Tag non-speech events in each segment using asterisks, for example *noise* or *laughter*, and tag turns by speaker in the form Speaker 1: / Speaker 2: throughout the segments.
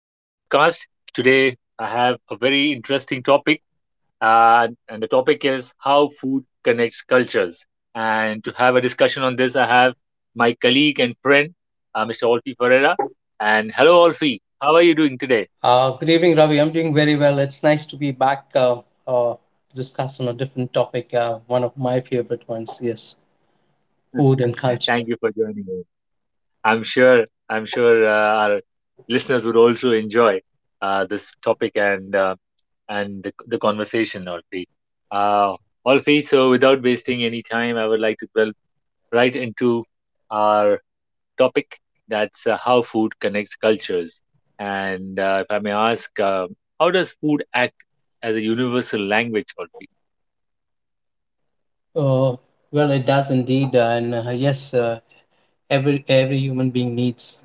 Speaker 1: I have a very interesting topic, and the topic is how food connects cultures. And to have a discussion on this, I have my colleague and friend, Mr. Olfi Ferreira. And hello, Olfi. How are you doing today?
Speaker 2: Good evening, Ravi. I'm doing very well. It's nice to be back to discuss on a different topic, one of my favorite ones. Yes, food and
Speaker 1: *laughs*
Speaker 2: culture.
Speaker 1: Thank you for joining me. I'm sure our listeners would also enjoy this topic and the conversation, Olfi. Uh, Olfi, so without wasting any time, I would like to delve right into our topic. That's how food connects cultures. And if I may ask, how does food act as a universal language, Olfi?
Speaker 2: Uh, well, it does indeed, and yes, uh, every human being needs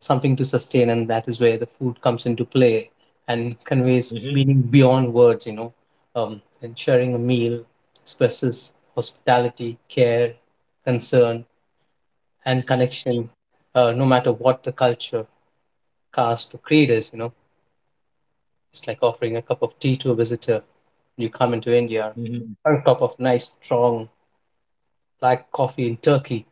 Speaker 2: something to sustain, and that is where the food comes into play and conveys meaning beyond words. And sharing a meal expresses hospitality, care, concern, and connection, no matter what the culture cars to creators, you know. It's like offering a cup of tea to a visitor when you come into India,
Speaker 1: Mm-hmm.
Speaker 2: or a cup of nice, strong black coffee in Turkey,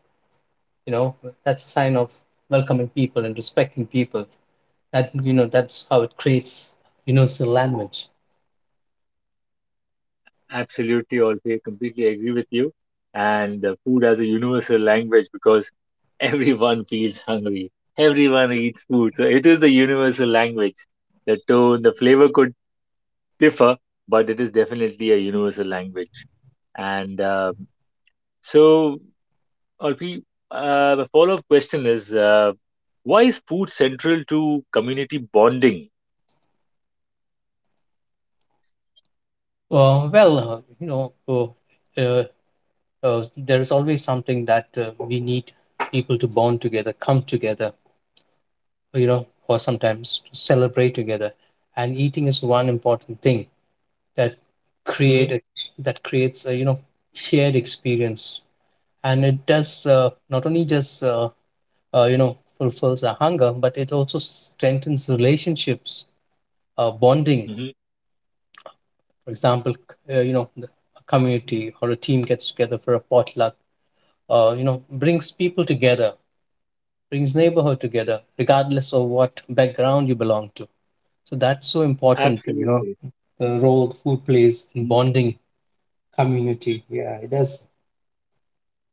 Speaker 2: you know. That's a sign of welcoming people and respecting people. That, you know, that's how it creates universal language.
Speaker 1: Absolutely, Olfi. I completely agree with you. And food as a universal language because *laughs* everyone feels hungry. Everyone eats food. So it is the universal language. The tone, the flavor could differ, but it is definitely a universal language. And so, Olfi, the follow up question is why is food central to community bonding?
Speaker 2: Uh, well, uh, you know, uh, uh, there is always something that we need people to bond together, come together, you know, or sometimes to celebrate together. And eating is one important thing that create
Speaker 1: Hmm.
Speaker 2: a, that creates a, you know, shared experience, and it does, not only just you know, fulfills our hunger, but it also strengthens relationships, bonding.
Speaker 1: Hmm.
Speaker 2: For example, you know, a community or a team gets together for a potluck, you know, brings people together, brings neighborhood together, regardless of what background you belong to. So that's so important, you know,
Speaker 1: Absolutely.
Speaker 2: the role food plays in
Speaker 1: Mhm.
Speaker 2: bonding community. Yeah, it does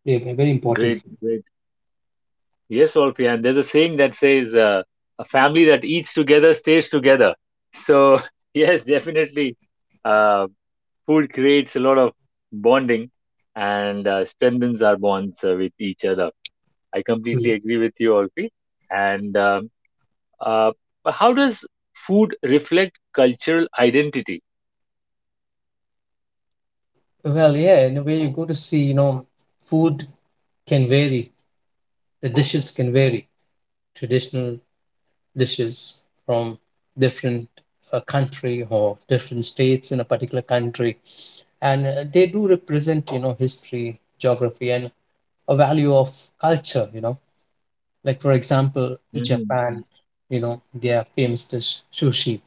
Speaker 2: play a very important
Speaker 1: Great, great. Yes, Wolfie, and there's a saying that says, a family that eats together stays together. So, *laughs* yes, definitely, uh, food creates a lot of bonding and strengthens our bonds with each other. I
Speaker 2: role.
Speaker 1: completely
Speaker 2: Mm.
Speaker 1: agree with you, Olfi. And uh, but how does food reflect cultural identity?
Speaker 2: Well, yeah, in a way, you go to see, you know, food can vary. The dishes can vary. Traditional dishes from different country or different states in a particular country, and they do represent, you know, history, geography, and a value of culture. You know, like for example,
Speaker 1: Mm-hmm.
Speaker 2: Japan, you know, their famous dish sushi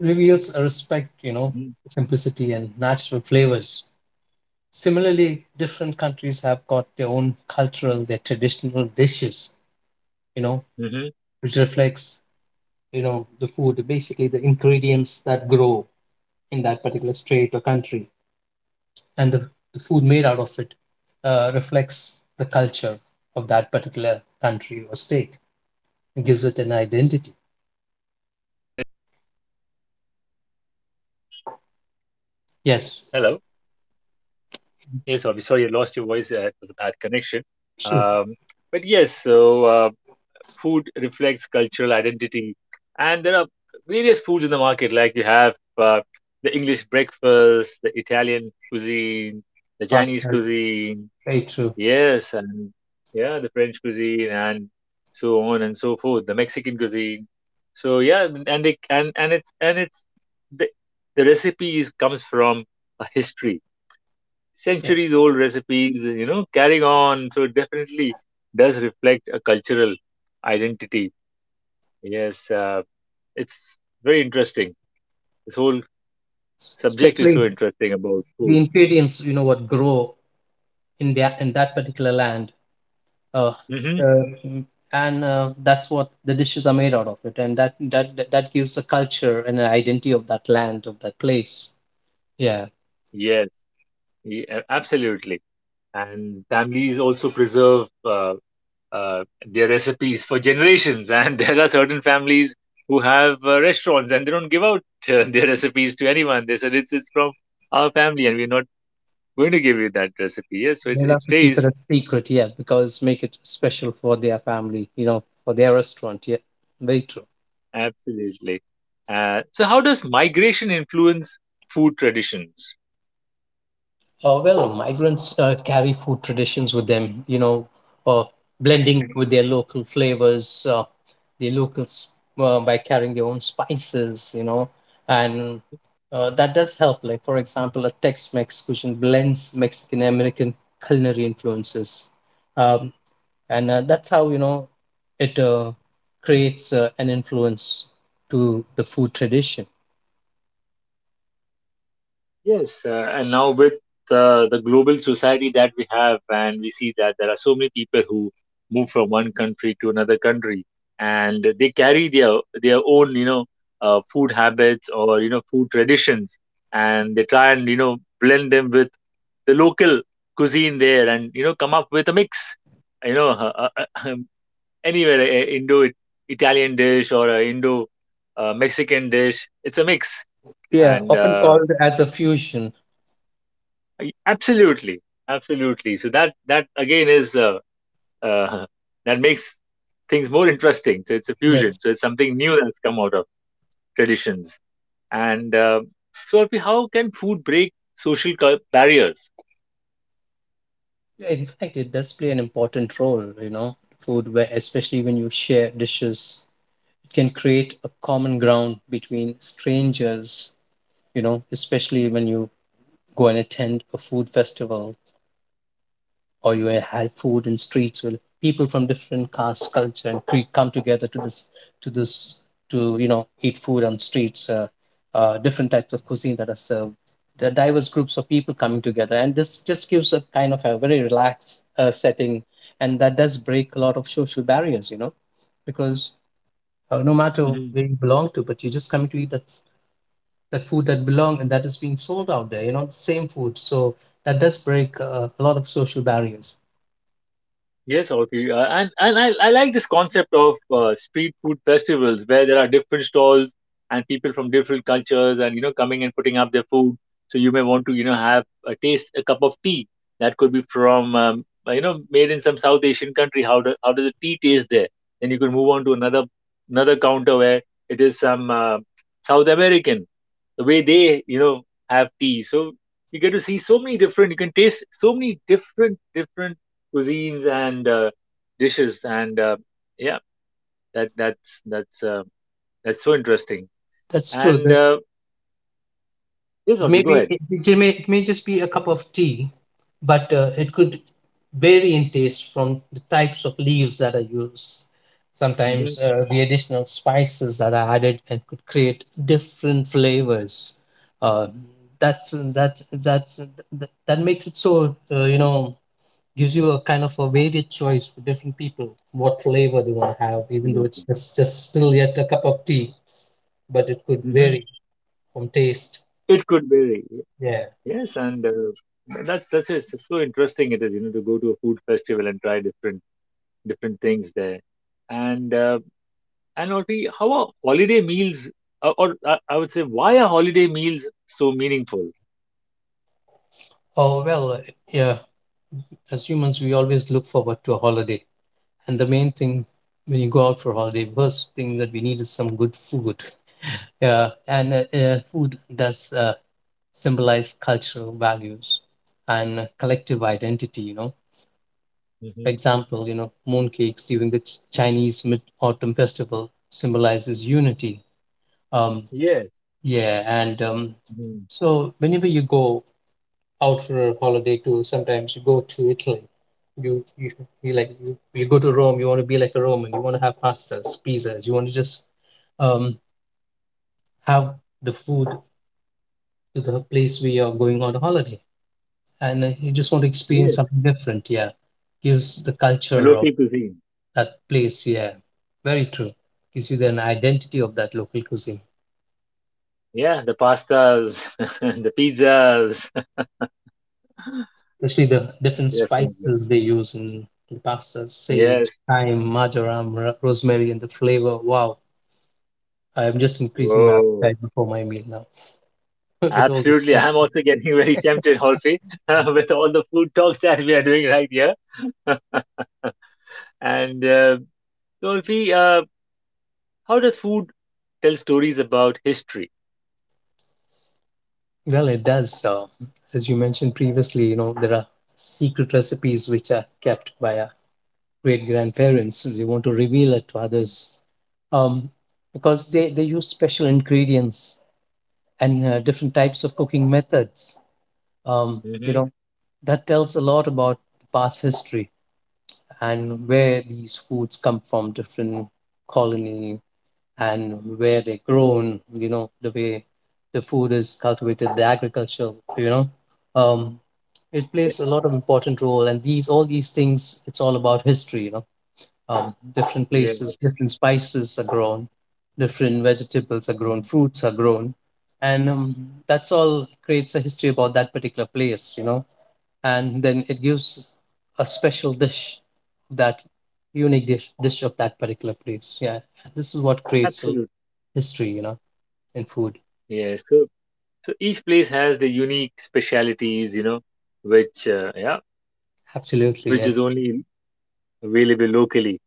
Speaker 2: reveals a respect, you know, simplicity and natural flavors. Similarly, different countries have got their own cultural, their traditional dishes, you know,
Speaker 1: Hmm.
Speaker 2: which reflects, you know, the food, basically the ingredients that grow in that particular state or country. And the food made out of it reflects
Speaker 1: Definitely.
Speaker 2: the culture of that particular country or state and gives it an identity.
Speaker 1: Hello.
Speaker 2: Yes,
Speaker 1: Yes, I'm sorry you lost your voice. It was a bad connection. Um,
Speaker 2: sure.
Speaker 1: but yes, so food reflects cultural identity, and there are various foods in the market. Like you have uh, the English breakfast, the Italian cuisine, the Chinese
Speaker 2: Pastas,
Speaker 1: cuisine.
Speaker 2: very true.
Speaker 1: Yes, and yeah, the French cuisine, and so on and so forth. The Mexican cuisine. So yeah, and they and it's the the recipes comes from a history,
Speaker 2: Yeah.
Speaker 1: centuries old recipes, you know, carrying on. So it definitely does reflect a cultural identity. Yes, it's very interesting. This whole subject is so
Speaker 2: Especially
Speaker 1: interesting about
Speaker 2: the
Speaker 1: food.
Speaker 2: ingredients, you know, what grow in, the, in that particular land, uh,
Speaker 1: Hmm.
Speaker 2: uh, mm, and that's what the dishes are made out of it, and that gives a culture and an identity of that land, of that place. Yeah,
Speaker 1: Yes, Absolutely. And families also preserve uh, their recipes for generations. *laughs* And there are certain families who have restaurants and they don't give out *laughs* their recipes to anyone. They said it's from our family and we're not going to give you that recipe. Yes, so
Speaker 2: they
Speaker 1: it
Speaker 2: love to keep it
Speaker 1: stays.
Speaker 2: a secret. Yeah, because make it special for their family, you know, for their restaurant. Yeah, very true.
Speaker 1: Absolutely. So how does migration influence food traditions?
Speaker 2: Well, migrants carry food traditions with them, you know, uh, blending with their local flavors, their locals by carrying their own spices, you know, and that does help. Like, for example, a Tex Mex cuisine blends Mexican American culinary influences. Um, and That's how, you know, it creates an influence to the food tradition.
Speaker 1: Yes, and now with the global society that we have, and we see that there are so many people who move from one country to another country, and they carry their own, you know, food habits, or you know, food traditions, and they try and, you know, blend them with the local cuisine there, and you know come up with a mix, you know, *laughs* anywhere a Indo Italian dish or a Indo Mexican dish. It's a mix,
Speaker 2: Yeah,
Speaker 1: and
Speaker 2: often called as a fusion.
Speaker 1: absolutely, absolutely. So that again is uh, *laughs* that makes things more interesting. So it's a fusion.
Speaker 2: Yes.
Speaker 1: So it's something new that's come out of traditions. And so, Arpi, how can food break social barriers?
Speaker 2: In fact, it does play an important role, you know, food, where especially when you share dishes, it can create a common ground between strangers, you know, especially when you go and attend a food festival or you had food in streets, where people from different caste, culture, and creed come together to this to you know, eat food on streets, different types of cuisine that are served. There are diverse groups of people coming together, and this just gives a kind of a very relaxed setting, and that does break a lot of social barriers, you know, because no matter
Speaker 1: Mm-hmm.
Speaker 2: where you belong to, but you're just coming to eat that food that belong and that is being sold out there, you know, the same food. So that does break a lot of social barriers.
Speaker 1: Yes, okay, and I like this concept of street food festivals where there are different stalls and people from different cultures and, you know, coming and putting up their food. So you may want to, you know, have a taste, a cup of tea that could be from you know, made in some South Asian country. How does the tea taste there? Then you can move on to another, another counter where it is some South American, the way they, you know, have tea. So you get to see so many different. You can taste so many different cuisines and dishes and yeah, that that's that's uh, that's so interesting.
Speaker 2: That's true.
Speaker 1: And
Speaker 2: The,
Speaker 1: yes,
Speaker 2: it
Speaker 1: Alvi,
Speaker 2: may
Speaker 1: go
Speaker 2: be
Speaker 1: ahead.
Speaker 2: it, it may just be a cup of tea, but it could vary in taste from the types of leaves that are used.
Speaker 1: Hmm.
Speaker 2: Sometimes the additional spices that are added and could create different flavors. Uh, that's that that's that makes it so, you know, gives you a kind of a varied choice for different people, what flavor they want to have, even though
Speaker 1: Absolutely.
Speaker 2: it's just still yet a cup of tea, but it could
Speaker 1: Hmm.
Speaker 2: vary from taste.
Speaker 1: It could vary.
Speaker 2: Yeah.
Speaker 1: Yes, and that's just so interesting. It is, you know, to go to a food festival and try different, different things there. And and Alvi, how are holiday meals or I would say, why are holiday meals so meaningful?
Speaker 2: Oh, well, uh, yeah, as humans, we always look forward to a holiday. And the main thing, when you go out for holiday, first thing that we need is some good food. *laughs* Yeah, and food does symbolize cultural values and collective identity, you know. For
Speaker 1: Hmm.
Speaker 2: example, you know, mooncakes during the Chinese Mid-Autumn Festival symbolizes unity. Um,
Speaker 1: Yes.
Speaker 2: yeah, and
Speaker 1: Hmm.
Speaker 2: so whenever you go out for a holiday too. Sometimes you go to Italy, you you you go to Rome. You want to be like a Roman. You want to have pastas, pizzas. You want to just um, have the food to the place where you're going on a holiday, and you just want to experience
Speaker 1: Yes,
Speaker 2: something different. Yeah, gives the
Speaker 1: the
Speaker 2: culture of
Speaker 1: local cuisine.
Speaker 2: that place. Yeah, very true. Gives you an identity of that local cuisine,
Speaker 1: Yeah, the pastas, *laughs* the pizzas. *laughs*
Speaker 2: especially the different
Speaker 1: Definitely.
Speaker 2: spices they use in the pasta: sage,
Speaker 1: Yes.
Speaker 2: thyme, marjoram, rosemary, and the flavor. Wow, I am just increasing my
Speaker 1: Oh,
Speaker 2: appetite before my meal now. *laughs* With all
Speaker 1: absolutely.
Speaker 2: respect,
Speaker 1: I'm also getting *laughs* very tempted, Holfi, *laughs* with all the food talks that we are doing right here. *laughs* And Holfi, how does food tell stories about history?
Speaker 2: well, it does. As you mentioned previously, you know, there are secret recipes which are kept by our great grandparents. They want to reveal it to others, um, because they use special ingredients and different types of cooking methods. You
Speaker 1: Mm-hmm.
Speaker 2: know that tells a lot about past history and where these foods come from, different colony and where they're grown, you know, the way the food is cultivated, the agriculture, you know, um, it plays a lot of important role. And these, all these things, it's all about history, you know, different places,
Speaker 1: Yes.
Speaker 2: different spices are grown, different vegetables are grown,
Speaker 1: Mhm.
Speaker 2: fruits are grown. And that's all creates a history about that particular place, you know, and then it gives a special dish, that unique dish, dish of that particular place. Yeah, this is what creates a
Speaker 1: Absolutely.
Speaker 2: history, you know, in food.
Speaker 1: Yes. So, so each place has the unique specialities, you know, which yeah,
Speaker 2: Absolutely,
Speaker 1: which is
Speaker 2: yes.
Speaker 1: only available locally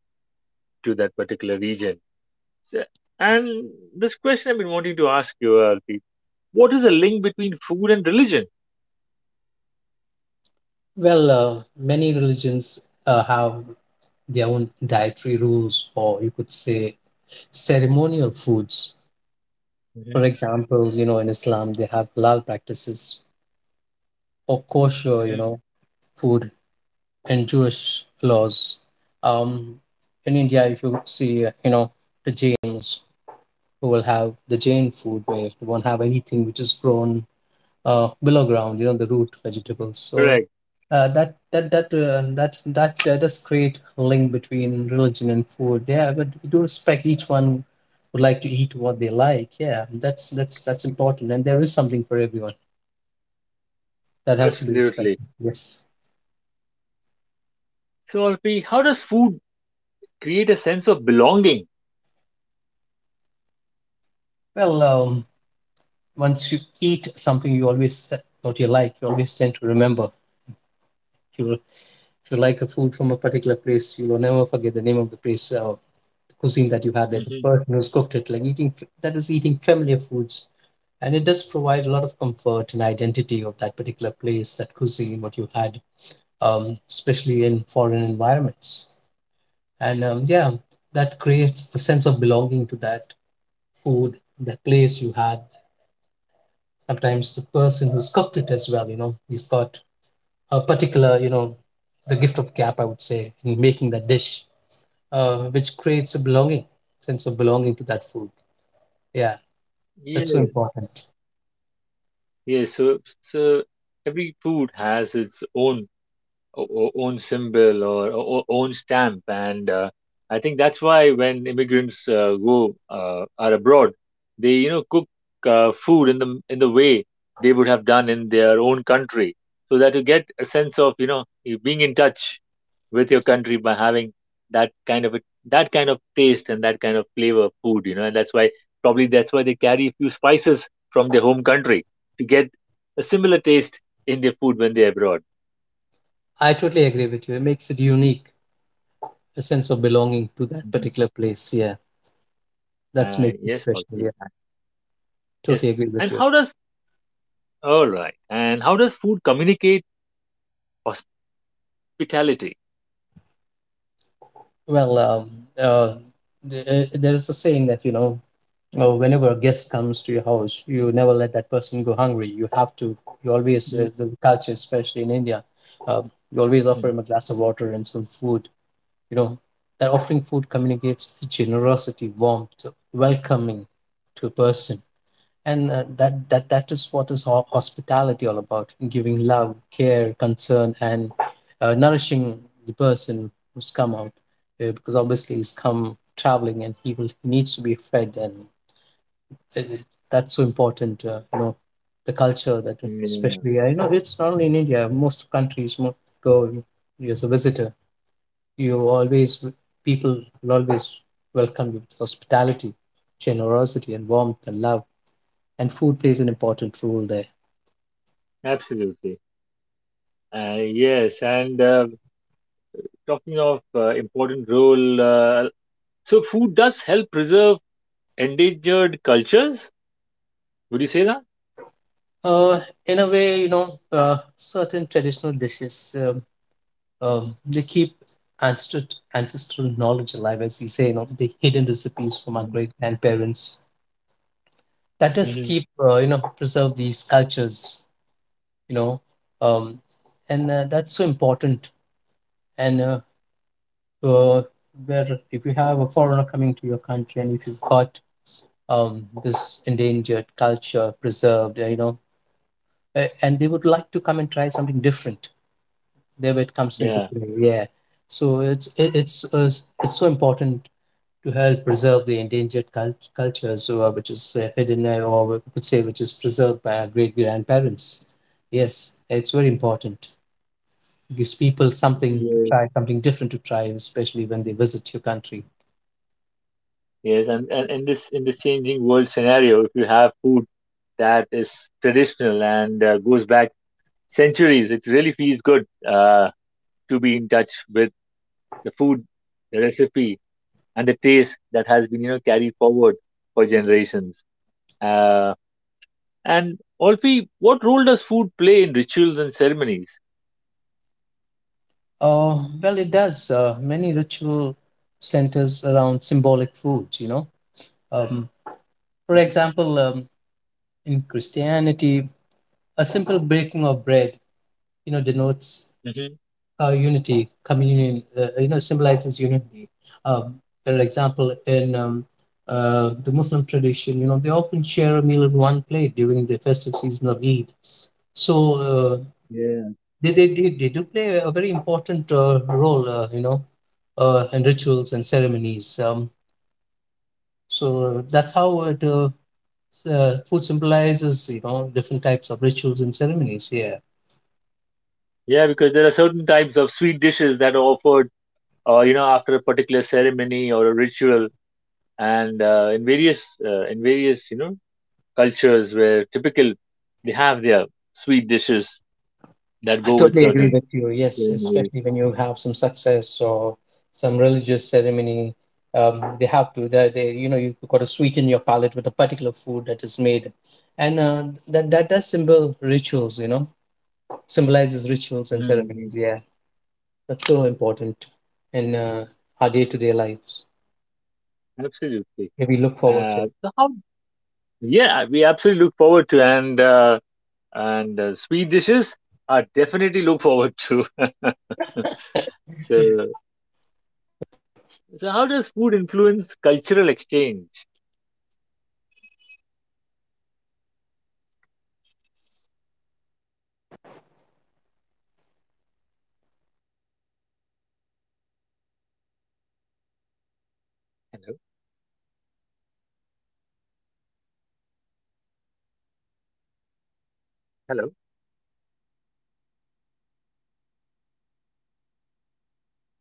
Speaker 1: to that particular region. So- And this question I've been wanting to ask you, Arti, what is the link between food and religion?
Speaker 2: Well, many religions have their own dietary rules, or you could say ceremonial foods. For
Speaker 1: Hmm.
Speaker 2: example, you know, in Islam, they have halal practices or kosher, you
Speaker 1: Hmm.
Speaker 2: know, food and Jewish laws. Um, in India, if you see, you know, the Jains who will have the Jain food, where they won't have anything which is grown below ground, you know, the root vegetables. So
Speaker 1: Correct,
Speaker 2: that does create a link between religion and food. Yeah, but we do respect each one would like to eat what they like. Yeah, that's important, and there is something for everyone that has to be
Speaker 1: absolutely.
Speaker 2: respected. Yes.
Speaker 1: So, Arti, how does food create a sense of belonging?
Speaker 2: Well, once you eat something, you always what you like. You always tend to remember. If you if you like a food from a particular place, you will never forget the name of the place. Cuisine that you had there, the
Speaker 1: Hmm.
Speaker 2: person who's cooked it, like eating f- that is eating familiar foods. And it does provide a lot of comfort and identity of that particular place, that cuisine, what you had, especially in foreign environments. And yeah, that creates a sense of belonging to that food, that place you had. Sometimes the person who's cooked it as well, you know, he's got a particular, you know, the gift of gap, I would say, in making that dish, which creates a belonging, sense of belonging to that food. Yeah. That's so important.
Speaker 1: Yes, yes. So every food has its own own symbol or own stamp, and I think that's why when immigrants go are abroad, they, you know, cook food in the way they would have done in their own country, so that you get a sense of, you know, you being in touch with your country by having that kind of a, that kind of taste and that kind of flavor of food, you know. And that's why probably that's why they carry a few spices from their home country to get a similar taste in their food when they're abroad.
Speaker 2: I totally agree with you. It makes it unique, a sense of belonging to that
Speaker 1: Mm-hmm.
Speaker 2: particular place. Yeah, that's makes it
Speaker 1: Yes,
Speaker 2: special.
Speaker 1: okay.
Speaker 2: Yeah, totally
Speaker 1: Yes.
Speaker 2: agree with
Speaker 1: And
Speaker 2: you.
Speaker 1: how does, all right, and how does food communicate hospitality?
Speaker 2: Well, uh, there is a saying that, you know, whenever a guest comes to your house, you never let that person go hungry. You have to. You always,
Speaker 1: Mm,
Speaker 2: the culture, especially in India, uh, you always offer
Speaker 1: mhm.
Speaker 2: him a glass of water and some food. You know, that offering food communicates generosity, warmth, welcoming to a person and that is what is hospitality all about, giving love, care, concern, and nourishing the person who's come out, because obviously he's come traveling and he needs to be fed. And uh, uh, that's so important, you know, the culture. that
Speaker 1: Yeah,
Speaker 2: especially I know it's not only in India, most countries, most, go, you as a visitor, you always, people will always welcome you with hospitality, generosity, and warmth and love, and food plays an important role there.
Speaker 1: absolutely. Yes. And talking of important role, so food does help preserve endangered cultures. Would you say that?
Speaker 2: Uh, in a way, you know, certain traditional dishes, they keep ancestral ancestral knowledge alive. As you say, you know, the hidden recipes from our
Speaker 1: Mhm.
Speaker 2: great grandparents. That does
Speaker 1: Mhm.
Speaker 2: keep, you know, preserve these cultures, you know. Um, and uh, that's so important. And uh, where if you have a foreigner coming to your country, and if you've got this endangered culture preserved, you know, and they would like to come and try something different, there it comes into
Speaker 1: Yeah.
Speaker 2: play. Yeah, so it's it's so important to help preserve the endangered cultures, which is hidden, or we could say which is preserved by our great grandparents. Yes, it's very important. Gives people something to
Speaker 1: Yes.
Speaker 2: try, something different to try, especially when they visit your country.
Speaker 1: Yes. And in this, in this changing world scenario, if you have food that is traditional and goes back centuries, it really feels good. To be in touch with the food, the recipe, and the taste that has been, you know, carried forward for generations. Uh, and Olfi, what role does food play in rituals and ceremonies?
Speaker 2: Well, it does. Many ritual centers around symbolic food, you know. um, for example, in Christianity, a simple breaking of bread, you know, denotes
Speaker 1: Mm-hmm.
Speaker 2: unity, communion. You know, symbolizes unity. Um, for example, in the Muslim tradition, you know, they often share a meal in one plate during the festive season of Eid. So uh,
Speaker 1: Yeah,
Speaker 2: they, they they they do play a very important role, you know, in rituals and ceremonies. So that's how food symbolizes, you know, different types of rituals and ceremonies. Yeah.
Speaker 1: yeah, because there are certain types of sweet dishes that are offered, you know, after a particular ceremony or a ritual, and in various, you know, cultures where typical they have their sweet dishes that
Speaker 2: I
Speaker 1: go with
Speaker 2: totally agree
Speaker 1: certain
Speaker 2: with you. Yes,
Speaker 1: ceremonies.
Speaker 2: especially when you have some success or some religious ceremony, they have to. You know, you got to sweeten your palate with a particular food that is made, and that does symbol rituals. You know, symbolizes rituals and
Speaker 1: Mm-hmm.
Speaker 2: ceremonies. Yeah, that's so important in our day to day lives.
Speaker 1: Absolutely.
Speaker 2: Maybe look forward
Speaker 1: Uh,
Speaker 2: to.
Speaker 1: so how, yeah, we absolutely look forward to, and sweet dishes are definitely look forward to. *laughs* So, so how does food influence cultural exchange? Hello, hello,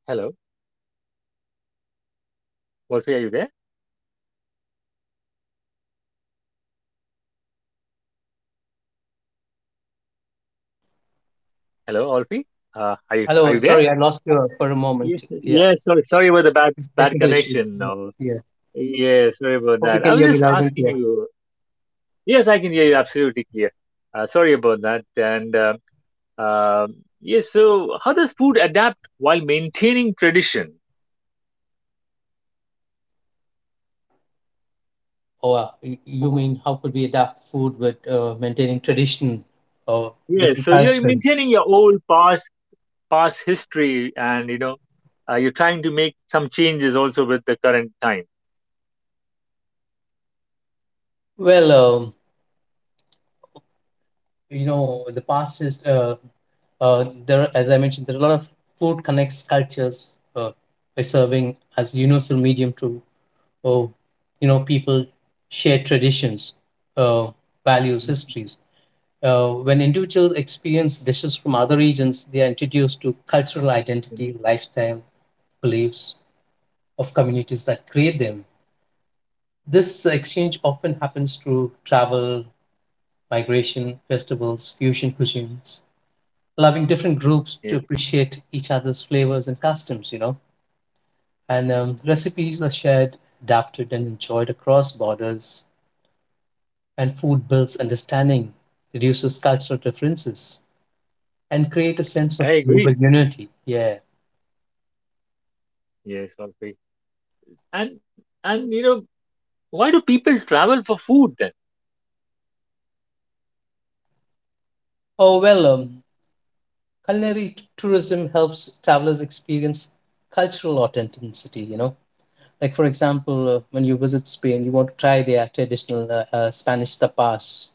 Speaker 1: hello. Wolfie, are you there? Hello, Wolfie. Are you, are
Speaker 2: Hello,
Speaker 1: you there?
Speaker 2: sorry, I lost you for a
Speaker 1: Yes,
Speaker 2: moment. Yeah,
Speaker 1: yes. Sorry, sorry about the bad bad
Speaker 2: technical issues.
Speaker 1: connection.
Speaker 2: Yeah,
Speaker 1: No.
Speaker 2: yeah.
Speaker 1: Yeah, sorry about
Speaker 2: Hope you
Speaker 1: that. I
Speaker 2: can
Speaker 1: was
Speaker 2: hear me
Speaker 1: just
Speaker 2: loud and
Speaker 1: asking
Speaker 2: clear.
Speaker 1: you. Yes, I can hear you absolutely clear. Sorry about that. And Um, yes, so how does food adapt while maintaining tradition?
Speaker 2: Oh, wow. You mean how could we adapt food with maintaining tradition or
Speaker 1: Yes,
Speaker 2: different
Speaker 1: so you're
Speaker 2: cultures?
Speaker 1: maintaining your old past, past history, and you know, you're trying to make some changes also with the current time.
Speaker 2: Well, you know, the past is there. As I mentioned, there are a lot of, food connects cultures by serving as universal medium to, oh, you know, people share traditions, uh, values,
Speaker 1: Mhm,
Speaker 2: histories. When individuals experience dishes from other regions, they are introduced to cultural identity,
Speaker 1: mhm.
Speaker 2: lifestyle, beliefs of communities that create them. This exchange often happens through travel, migration, festivals, fusion cuisines, allowing different groups to
Speaker 1: Yeah,
Speaker 2: appreciate each other's flavors and customs, you know. And recipes are shared, adapted, and enjoyed across borders. And food builds understanding, reduces cultural differences, and create a sense of
Speaker 1: I
Speaker 2: global
Speaker 1: agree.
Speaker 2: unity. Yeah.
Speaker 1: Yes, I agree. And and you know, why do people travel for food then?
Speaker 2: Oh, well, culinary tourism helps travelers experience cultural authenticity, you know. Like, for example, when you visit Spain, you want to try their traditional Spanish tapas.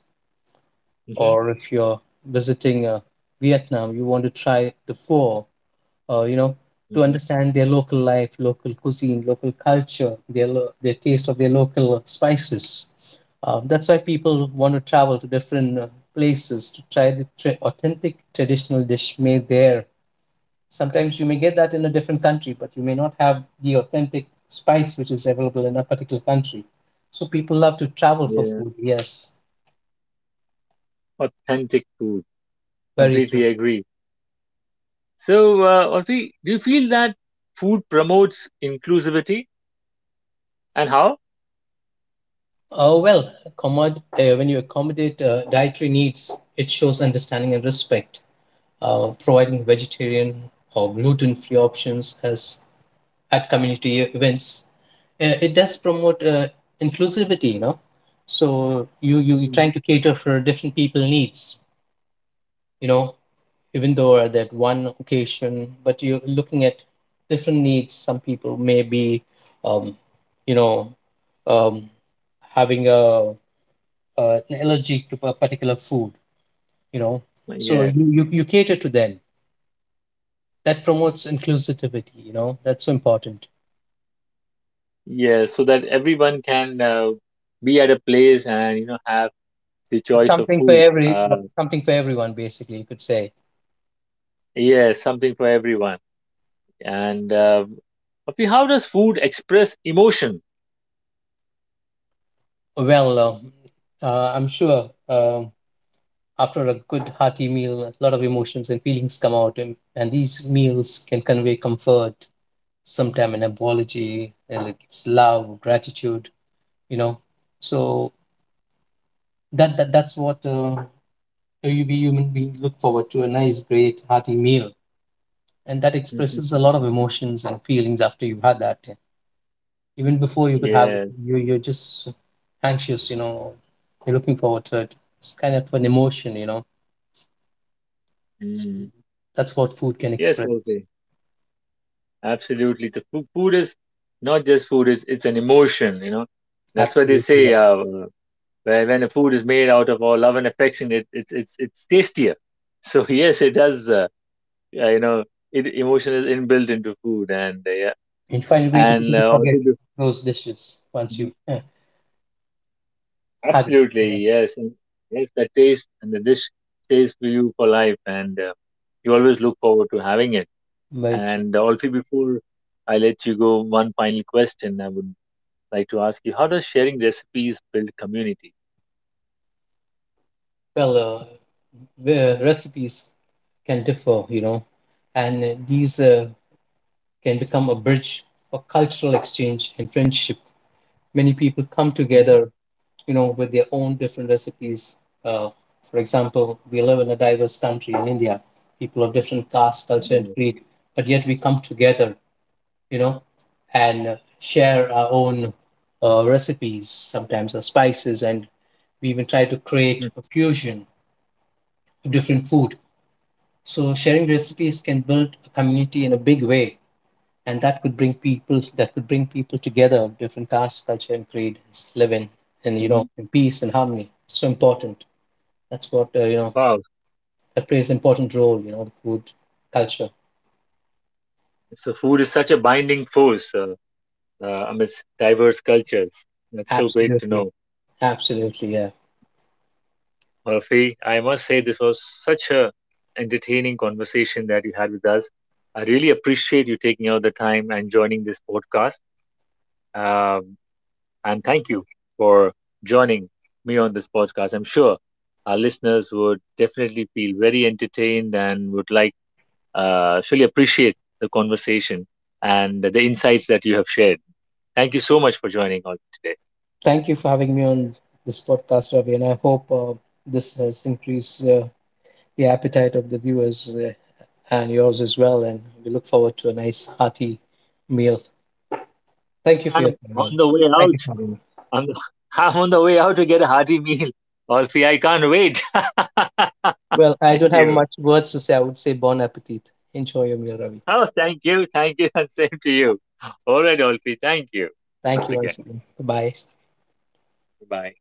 Speaker 2: Or
Speaker 1: Hmm.
Speaker 2: if you're visiting Vietnam, you want to try the pho, you know, to
Speaker 1: Hmm.
Speaker 2: understand their local life, local cuisine, local culture, their their taste of their local spices. That's why people want to travel to different places to try the authentic traditional dish made there. Sometimes you may get that in a different country, but you may not have the authentic spice which is available in a particular country. So people love to travel for
Speaker 1: Yeah,
Speaker 2: food. Yes,
Speaker 1: authentic food.
Speaker 2: very true.
Speaker 1: Completely agree. So, Orfi, do you feel that food promotes inclusivity, and how?
Speaker 2: Oh well, when you accommodate dietary needs, it shows understanding and respect, providing vegetarian or gluten free options as at community events. It does promote inclusivity, you know. So you're trying to
Speaker 1: Hmm.
Speaker 2: cater for different people needs, you know, even though at that one occasion, but you're looking at different needs. Some people may be, um, you know, um, having a an allergy to a particular food, you know. So
Speaker 1: Yes.
Speaker 2: you cater to them. That promotes inclusivity, you know. That's so important.
Speaker 1: Yeah, so that everyone can be at a place and, you know, have the
Speaker 2: It's
Speaker 1: choice of
Speaker 2: something for
Speaker 1: food.
Speaker 2: every something for everyone, basically, you could say.
Speaker 1: Yeah, something for everyone. And Afi, how does food express emotion?
Speaker 2: Well I'm sure after a good hearty meal, a lot of emotions and feelings come out, and these meals can convey comfort, sometime an apology, and it gives love, gratitude, you know. So that's what every human beings look forward to, a nice great hearty meal, and that expresses a lot
Speaker 1: *laughs*
Speaker 2: of emotions and feelings after you've had that. Even before you could have,
Speaker 1: Yes.
Speaker 2: you, you're just anxious, you know. You're looking forward to it. It's kind of an emotion, you know. So
Speaker 1: Mm.
Speaker 2: that's what food can
Speaker 1: Yes,
Speaker 2: express.
Speaker 1: okay. Absolutely. The food is not just food, it's an emotion, you know. That's why they
Speaker 2: Absolutely, yeah.
Speaker 1: say, when a food is made out of all love and affection, it's it's tastier. So *laughs* yes, it does. Yeah, you know, it, emotion is inbuilt into food, and yeah,
Speaker 2: And you find it very
Speaker 1: and
Speaker 2: difficult to forget
Speaker 1: also the-
Speaker 2: those dishes once you've
Speaker 1: Mhm.
Speaker 2: had it.
Speaker 1: Absolutely
Speaker 2: Yeah,
Speaker 1: yes, and yes, the taste and the dish stays with you for life, and you always look forward to having it.
Speaker 2: very true.
Speaker 1: And also, before I let you go, one final question I would like to ask you: how does sharing recipes build community?
Speaker 2: Well the recipes can differ, you know, and these can become a bridge for cultural exchange and friendship. Many people come
Speaker 1: Hmm.
Speaker 2: together, you know, with their own different recipes. Uh, for example, we live in a diverse country in India, people of different caste, culture, and
Speaker 1: Yeah.
Speaker 2: creed, but yet we come together, you know, and share our own recipes, sometimes our spices, and we even try to create a fusion of different food. So sharing recipes can build a community in a big way, and that could bring people together of different caste, culture, and creed, live in and you
Speaker 1: Mm-hmm.
Speaker 2: know in peace and harmony. So important. That's what you know.
Speaker 1: Wow,
Speaker 2: That plays important role, you know, the food culture.
Speaker 1: so food is such a binding force, amidst diverse cultures. That's so great to
Speaker 2: Absolutely,
Speaker 1: know.
Speaker 2: absolutely, yeah.
Speaker 1: Murphy, I must say this was such a entertaining conversation that you had with us. I really appreciate you taking out the time and joining this podcast. Um, and thank you for joining me on this podcast. I'm sure our listeners would definitely feel very entertained and would like, surely appreciate the conversation and the insights that you have shared. Thank you so much for joining on today.
Speaker 2: Thank you for having me on this podcast, Ravi, and I hope this has increased the appetite of the viewers and yours as well. And we look forward to a nice hearty meal. Thank you for your
Speaker 1: I'm
Speaker 2: time, Ravi.
Speaker 1: on the way
Speaker 2: Thank you
Speaker 1: out.
Speaker 2: for having me.
Speaker 1: I'm, *laughs* I'm on the way out to get a hearty meal. Alfie, I can't wait. *laughs*
Speaker 2: Well, I
Speaker 1: See
Speaker 2: don't have
Speaker 1: you.
Speaker 2: much words to say. I would say bon appetit. Enjoy your meal, Ravi.
Speaker 1: Oh, thank you. Thank you. *laughs* And same to you. All right, Alfie. Thank you
Speaker 2: Thank
Speaker 1: once
Speaker 2: you once
Speaker 1: again.
Speaker 2: again. Bye.
Speaker 1: Bye.